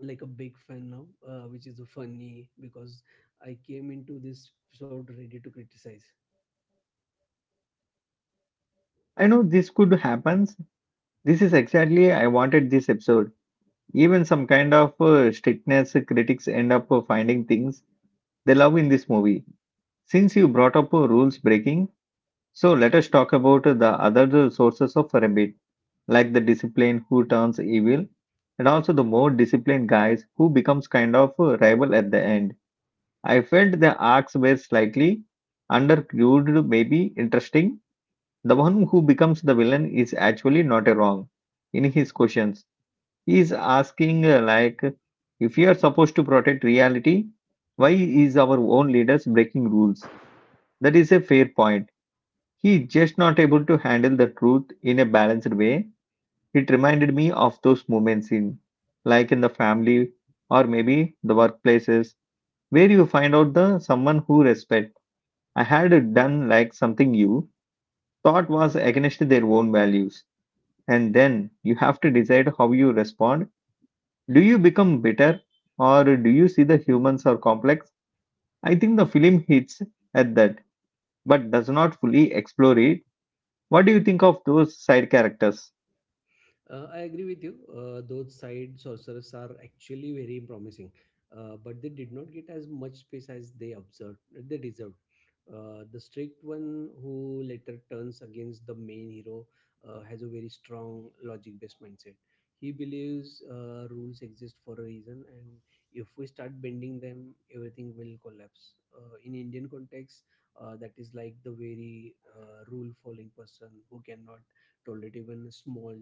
[SPEAKER 2] like a big fan now, which is funny because I came into this episode ready to criticize.
[SPEAKER 1] I know this could happen. This is exactly I wanted this episode. Even some kind of strictness critics end up finding things they love in this movie. Since you brought up rules breaking, so let us talk about the other sources of Remit, like the discipline who turns evil, and also the more disciplined guys who becomes kind of a rival at the end. I felt the arcs were slightly undercrude, maybe interesting. The one who becomes the villain is actually not a wrong. In his questions, he is asking, like, if you are supposed to protect reality, why is our own leaders breaking rules? That is a fair point. He just not able to handle the truth in a balanced way. It reminded me of those moments in, like in the family or maybe the workplaces, where you find out the someone who respect. I had done like something you thought was against their own values, and then you have to decide how you respond. Do you become bitter, or do you see the humans are complex? I think the film hits at that, but does not fully explore it. What do you think of those side characters?
[SPEAKER 2] I agree with you. Those side sorcerers are actually very promising, but they did not get as much space as they observed they deserved. The strict one who later turns against the main hero has a very strong logic-based mindset. He believes rules exist for a reason, and if we start bending them, everything will collapse. In Indian context, that is like the very rule-following person who cannot tolerate even a small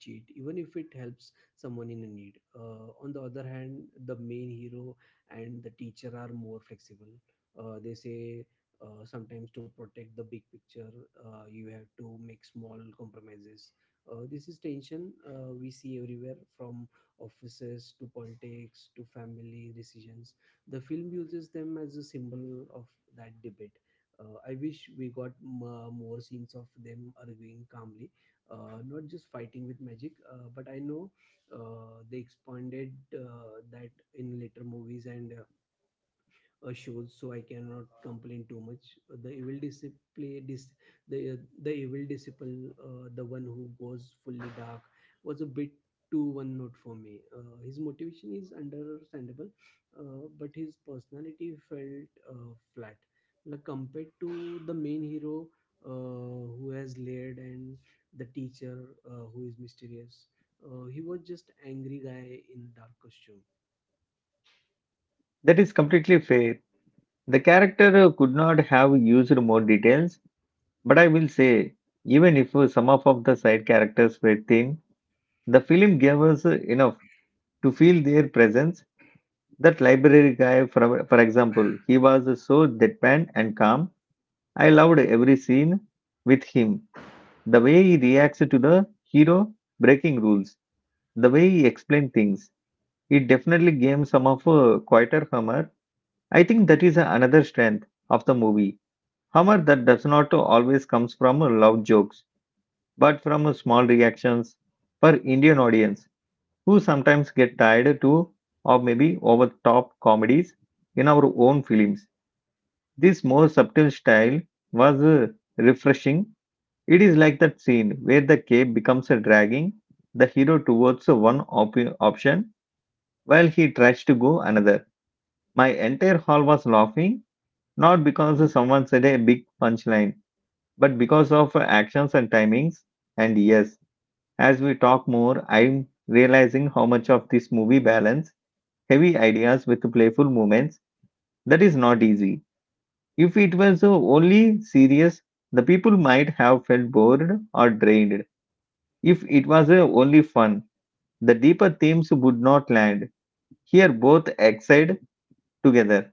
[SPEAKER 2] cheat even if it helps someone in a need. On the other hand, the main hero and the teacher are more flexible. They say sometimes to protect the big picture you have to make small compromises. This is tension we see everywhere, from offices to politics to family decisions. The film uses them as a symbol of that debate. I wish we got more scenes of them arguing calmly, not just fighting with magic, but I know they expanded that in later movies and shows, so I cannot complain too much. The evil disciple dis, the evil disciple the one who goes fully dark, was a bit too one note for me. His motivation is understandable, but his personality felt flat, like compared to the main hero, who has layered, and the teacher, who is mysterious. He was just angry guy in dark costume.
[SPEAKER 1] That is completely fair. The character could not have used more details, but I will say, even if some of the side characters were thin, the film gave us enough to feel their presence. That library guy, for example, he was so deadpan and calm. I loved every scene with him. The way he reacts to the hero breaking rules, the way he explained things. It definitely gave some of a quieter humor. I think that is another strength of the movie. Humor that does not always comes from loud jokes, but from small reactions for Indian audience who sometimes get tired too of maybe over top comedies in our own films. This more subtle style was refreshing. It is like that scene where the cape becomes a dragging the hero towards one option while he tries to go another. My entire hall was laughing, not because someone said a big punchline but because of actions and timings. And yes, as we talk more, I'm realizing how much of this movie balance heavy ideas with playful moments. That is not easy. If it was only serious, the people might have felt bored or drained. If it was only fun, the deeper themes would not land. Here, both excite together.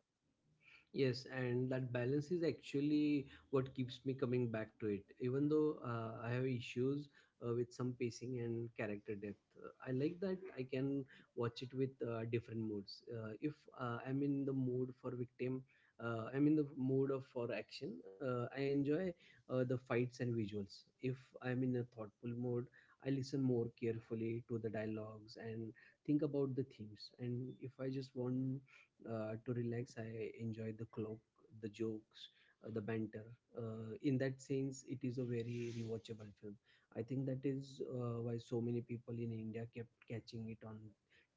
[SPEAKER 2] Yes, and that balance is actually what keeps me coming back to it. Even though I have issues with some pacing and character depth, I like that I can watch it with different moods. If I'm in the mood for victim, I'm in the mood of for action. I enjoy the fights and visuals. If I'm in a thoughtful mode, I listen more carefully to the dialogues and think about the themes. And if I just want to relax, I enjoy the clock, the jokes, the banter. In that sense, it is a very rewatchable film. I think that is why so many people in India kept catching it on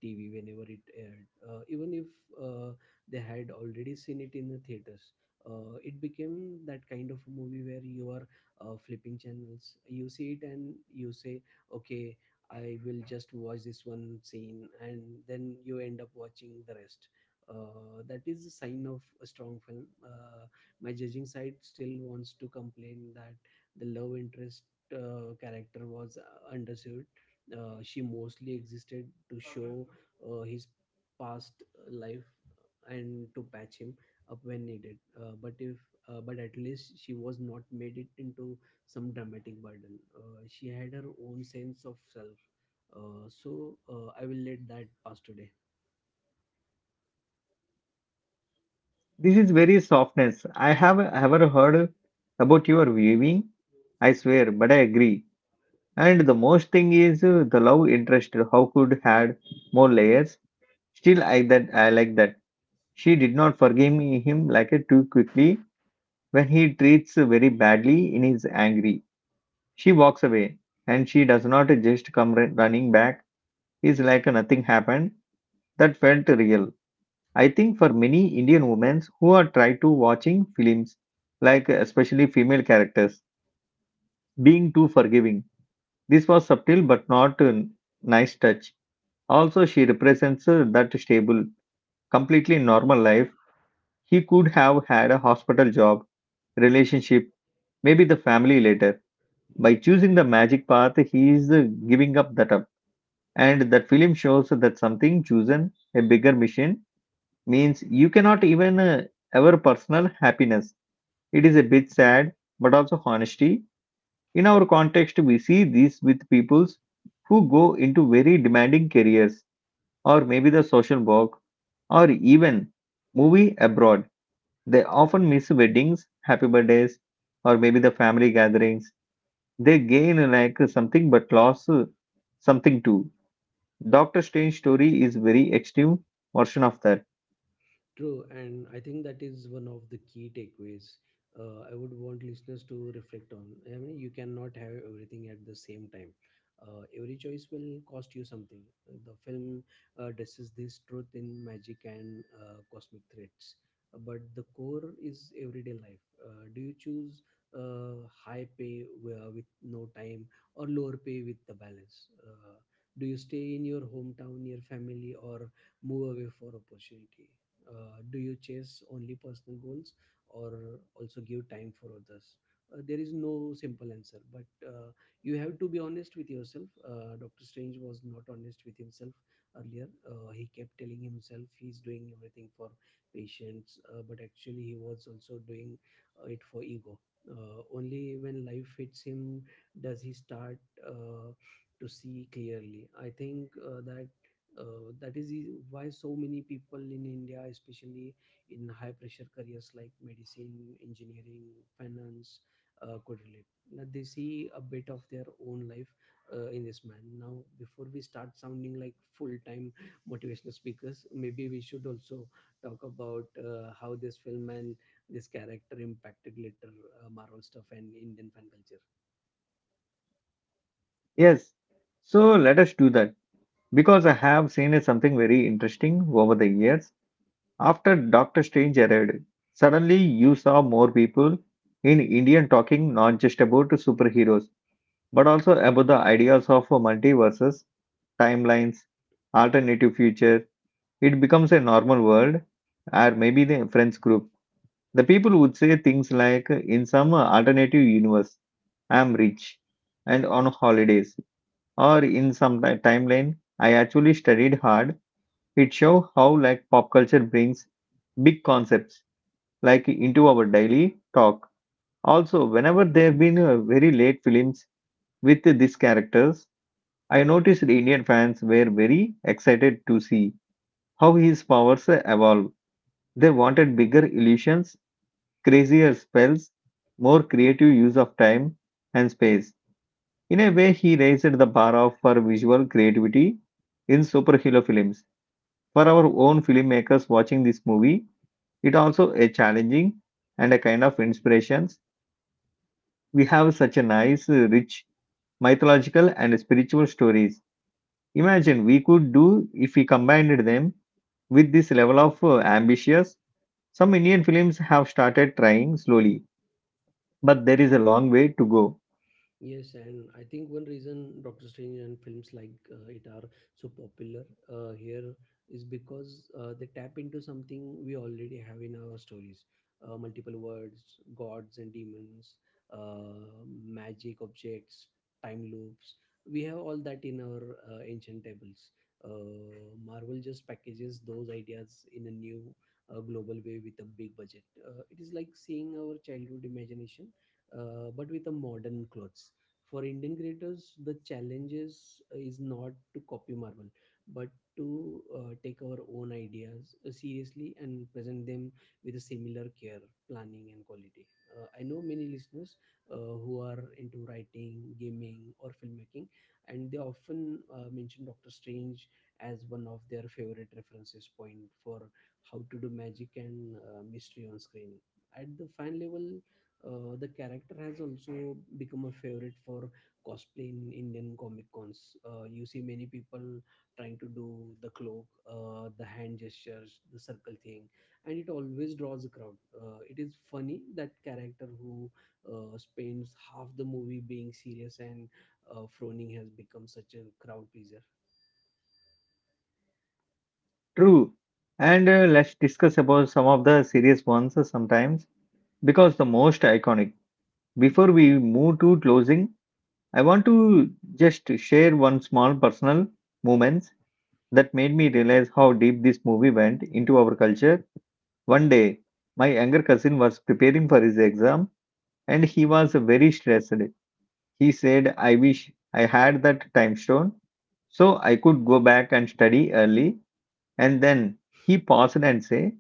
[SPEAKER 2] TV whenever it aired, even if uh, they had already seen it in the theaters. It became that kind of a movie where you are flipping channels, you see it and you say, okay, I will just watch this one scene, and then you end up watching the rest. That is a sign of a strong film. My judging side still wants to complain that the love interest character was underserved. She mostly existed to show his past life and to patch him up when needed, but if but at least she was not made it into some dramatic burden. She had her own sense of self, so I will let that pass today.
[SPEAKER 1] This is very softness. I have ever heard about your viewing. I swear, but I agree. And the most thing is the love interest. How could had more layers? Still, I that I like that. She did not forgive me, him like it too quickly. When he treats very badly in his angry, she walks away, and she does not just come running back. It's like nothing happened. That felt real. I think for many Indian women who are try to watching films, like especially female characters, being too forgiving. This was subtle but not a nice touch. Also, she represents that stable, completely normal life he could have had a hospital job, relationship, maybe the family later. By choosing the magic path, he is giving up that up. And that film shows that something chosen, a bigger mission, means you cannot even ever personal happiness. It is a bit sad, but also honesty. In our context, we see this with peoples who go into very demanding careers or maybe the social work, or even movie abroad. They often miss weddings, happy birthdays, or maybe the family gatherings. They gain like something but lost something too. Doctor Strange story is very extreme version of that.
[SPEAKER 2] True, and I think that is one of the key takeaways I would want listeners to reflect on. I mean, you cannot have everything at the same time. Every choice will cost you something. The film addresses this truth in magic and cosmic threats, but the core is everyday life. Do you choose high pay with no time, or lower pay with the balance? Do you stay in your hometown, your family, or move away for opportunity? Do you chase only personal goals, or also give time for others? There is no simple answer, but you have to be honest with yourself. Dr. Strange was not honest with himself earlier. He kept telling himself he's doing everything for patients, but actually he was also doing it for ego. Only when life hits him does he start uh, to see clearly. I think that that is why so many people in India, especially in high pressure careers like medicine, engineering, finance, could relate. Now they see a bit of their own life in this man. Now, before we start sounding like full-time [LAUGHS] motivational speakers, maybe we should also talk about how this film and this character impacted later Marvel stuff and Indian fan culture.
[SPEAKER 1] Yes, so let us do that because I have seen something very interesting over the years. After Doctor Strange arrived, suddenly you saw more people in Indian talking not just about superheroes but also about the ideas of a multiverses, timelines, alternative future. It becomes a normal world, or maybe the friends group. The people would say things like, "In some alternative universe, I'm rich and on holidays," or "In some timeline, I actually studied hard." It shows how like pop culture brings big concepts like into our daily talk. Also, whenever there have been very late films with these characters, I noticed Indian fans were very excited to see how his powers evolve. They wanted bigger illusions, crazier spells, more creative use of time and space. In a way, he raised the bar of for visual creativity in superhero films. For our own filmmakers watching this movie, it also a challenging and a kind of inspirations. We have such a nice, rich mythological and spiritual stories. Imagine we could do if we combined them with this level of ambitious, some Indian films have started trying slowly, but there is a long way to go.
[SPEAKER 2] Yes, and I think one reason Doctor Strange and films like it are so popular here is because they tap into something we already have in our stories: multiple words, gods and demons, uh, magic objects, time loops. We have all that in our ancient tables. Marvel just packages those ideas in a new global way with a big budget. It is like seeing our childhood imagination but with a modern clothes. For Indian creators, the challenges is not to copy Marvel, but to take our own ideas seriously and present them with a similar care, planning, and quality. I know many listeners who are into writing, gaming, or filmmaking, and they often mention Doctor Strange as one of their favorite references point for how to do magic and mystery on screen. At the fan level, the character has also become a favorite for cosplay in Indian comic cons. You see many people trying to do the cloak, the hand gestures, the circle thing, and it always draws a crowd. It is funny that character who spends half the movie being serious and froning has become such a crowd pleaser.
[SPEAKER 1] True. And let's discuss about some of the serious ones sometimes because the most iconic. Before we move to closing, I want to just share one small personal moments that made me realize how deep this movie went into our culture. One day, my younger cousin was preparing for his exam and he was very stressed. He said, I wish I had that time stone so I could go back and study early. And then he paused and said,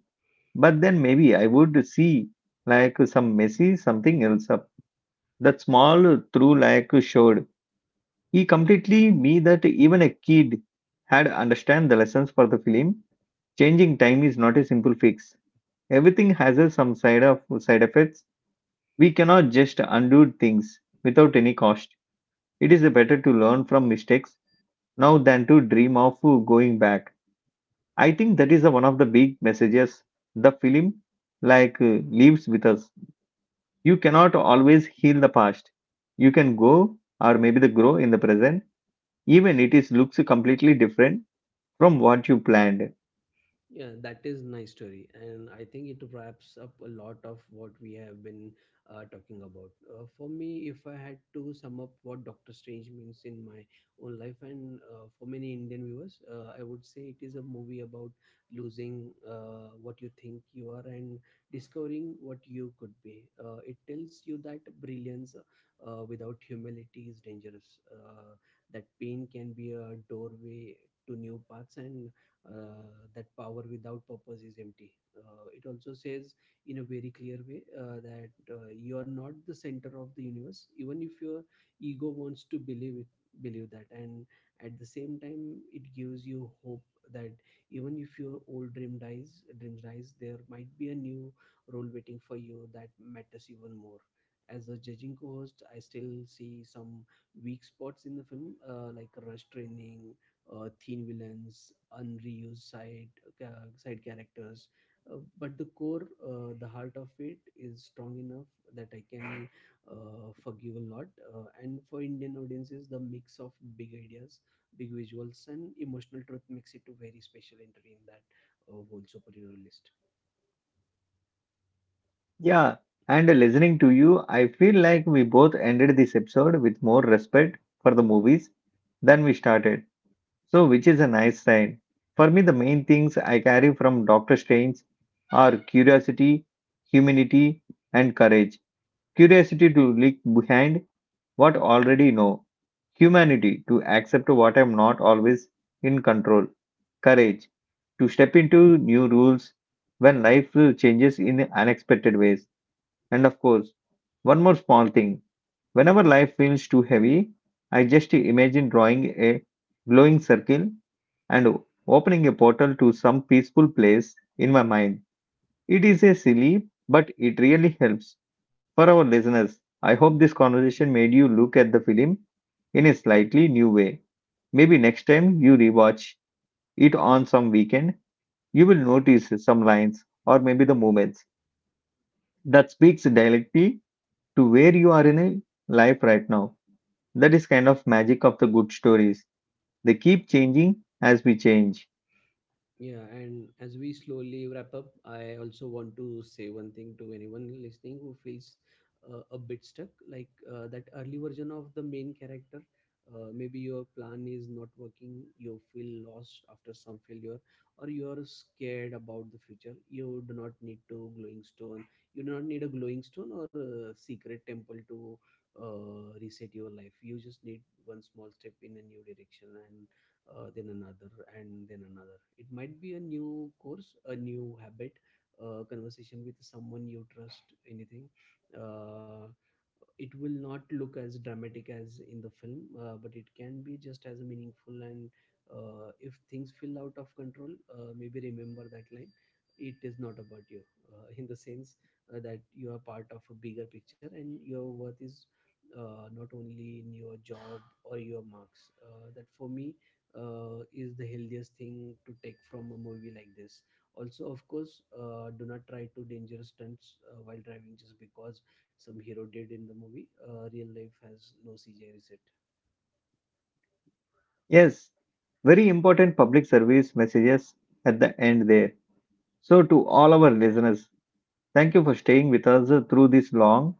[SPEAKER 1] but then maybe I would see like some messy something else up. That small through like showed. He completely me that even a kid had understand the lessons for the film. Changing time is not a simple fix. Everything has a some side of side effects. We cannot just undo things without any cost. It is better to learn from mistakes now than to dream of going back. I think that is the one of the big messages the film like leaves with us. You cannot always heal the past. You can go or maybe the grow in the present, even it is looks completely different from what you planned.
[SPEAKER 2] Yeah, that is nice story, and I think it wraps up a lot of what we have been talking about. For me, if I had to sum up what Doctor Strange means in my own life, and for many Indian viewers, I would say it is a movie about losing what you think you are and discovering what you could be. It tells you that brilliance without humility is dangerous. That pain can be a doorway to new paths, and uh, that power without purpose is empty. It also says in a very clear way that you are not the center of the universe, even if your ego wants to believe that. And at the same time, it gives you hope that even if your old dreams dies, there might be a new role waiting for you that matters even more. As a judging co-host, I still see some weak spots in the film, like rush training, thin villains, unreused side characters. But the core, the heart of it, is strong enough that I can forgive a lot. And for Indian audiences, the mix of big ideas, big visuals, and emotional truth makes it very special entry in that whole superhero list.
[SPEAKER 1] Yeah, and listening to you, I feel like we both ended this episode with more respect for the movies than we started. So, which is a nice sign. For me, the main things I carry from Doctor Strange are curiosity, humanity, and courage. Curiosity to look behind what already know. Humanity to accept what I'm not always in control. Courage to step into new rules when life changes in unexpected ways. And of course, one more small thing. Whenever life feels too heavy, I just imagine drawing a glowing circle and opening a portal to some peaceful place in my mind. It is a silly, but it really helps. For our listeners, I hope this conversation made you look at the film in a slightly new way. Maybe next time you rewatch it on some weekend, you will notice some lines or maybe the moments that speaks directly to where you are in a life right now. That is kind of magic of the good stories. They keep changing as we change.
[SPEAKER 2] Yeah, and as we slowly wrap up, I also want to say one thing to anyone listening who feels a bit stuck, like that early version of the main character. Maybe your plan is not working, you feel lost after some failure, or you're scared about the future. You do not need to glowing stone. You do not need a glowing stone or a secret temple to reset your life. You just need one small step in a new direction, and then another, and then another. It might be a new course, a new habit, a conversation with someone you trust, anything. Uh, it will not look as dramatic as in the film, but it can be just as meaningful. And if things feel out of control, maybe remember that line, it is not about you, [LAUGHS] in the sense that you are part of a bigger picture and your worth is not only in your job or your marks. That for me is the healthiest thing to take from a movie like this. Also, of course, do not try to dangerous stunts while driving just because some hero did in the movie. Real life has no CGI reset.
[SPEAKER 1] Yes, very important public service messages at the end there. So to all our listeners, thank you for staying with us through this long,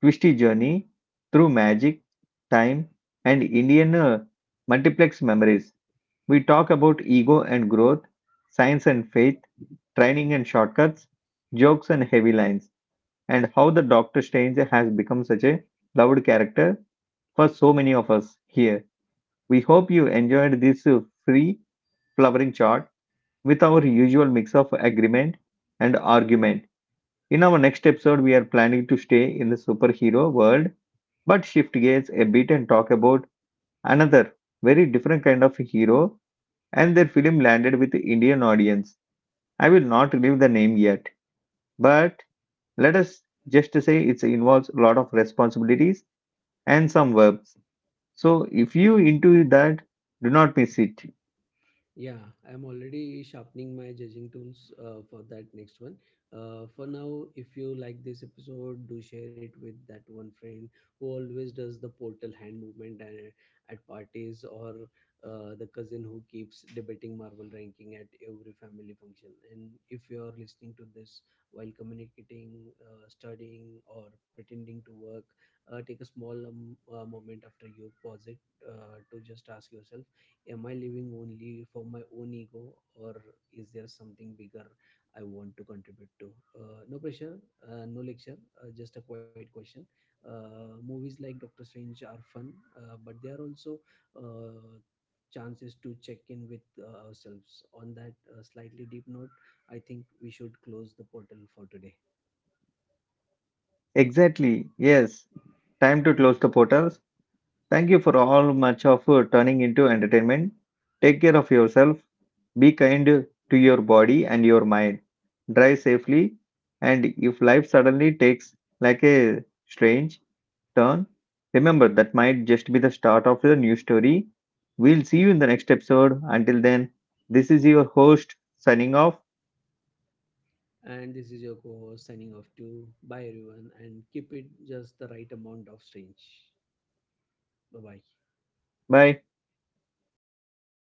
[SPEAKER 1] twisty journey through magic, time, and Indian multiplex memories. We talk about ego and growth, science and faith, training and shortcuts, jokes and heavy lines, and how the Doctor Strange has become such a loved character for so many of us here. We hope you enjoyed this free flowering chart with our usual mix of agreement and argument. In our next episode, we are planning to stay in the superhero world but shift gears a bit and talk about another very different kind of hero and their film landed with the Indian audience. I will not reveal the name yet, but let us just say it involves a lot of responsibilities and some verbs. So if you into that, do not miss it.
[SPEAKER 2] Yeah, I'm already sharpening my judging tools for that next one. For now, if you like this episode, do share it with that one friend who always does the portal hand movement at parties, or the cousin who keeps debating Marvel ranking at every family function. And if you're listening to this while communicating, studying, or pretending to work, take a small moment after you pause it to just ask yourself, am I living only for my own ego, or is there something bigger I want to contribute to? No pressure, no lecture, just a quiet question. Movies like Doctor Strange are fun, but they are also uh, chances to check in with ourselves on that slightly deep note. I think we should close the portal for today.
[SPEAKER 1] Exactly. Yes. Time to close the portals. Thank you for all much of turning into entertainment. Take care of yourself. Be kind to your body and your mind. Drive safely. And if life suddenly takes like a strange turn, remember that might just be the start of your new story. We'll see you in the next episode. Until then, this is your host signing off.
[SPEAKER 2] And this is your co-host signing off to bye everyone, and keep it just the right amount of strange. Bye bye.
[SPEAKER 1] Bye.
[SPEAKER 2] Bye.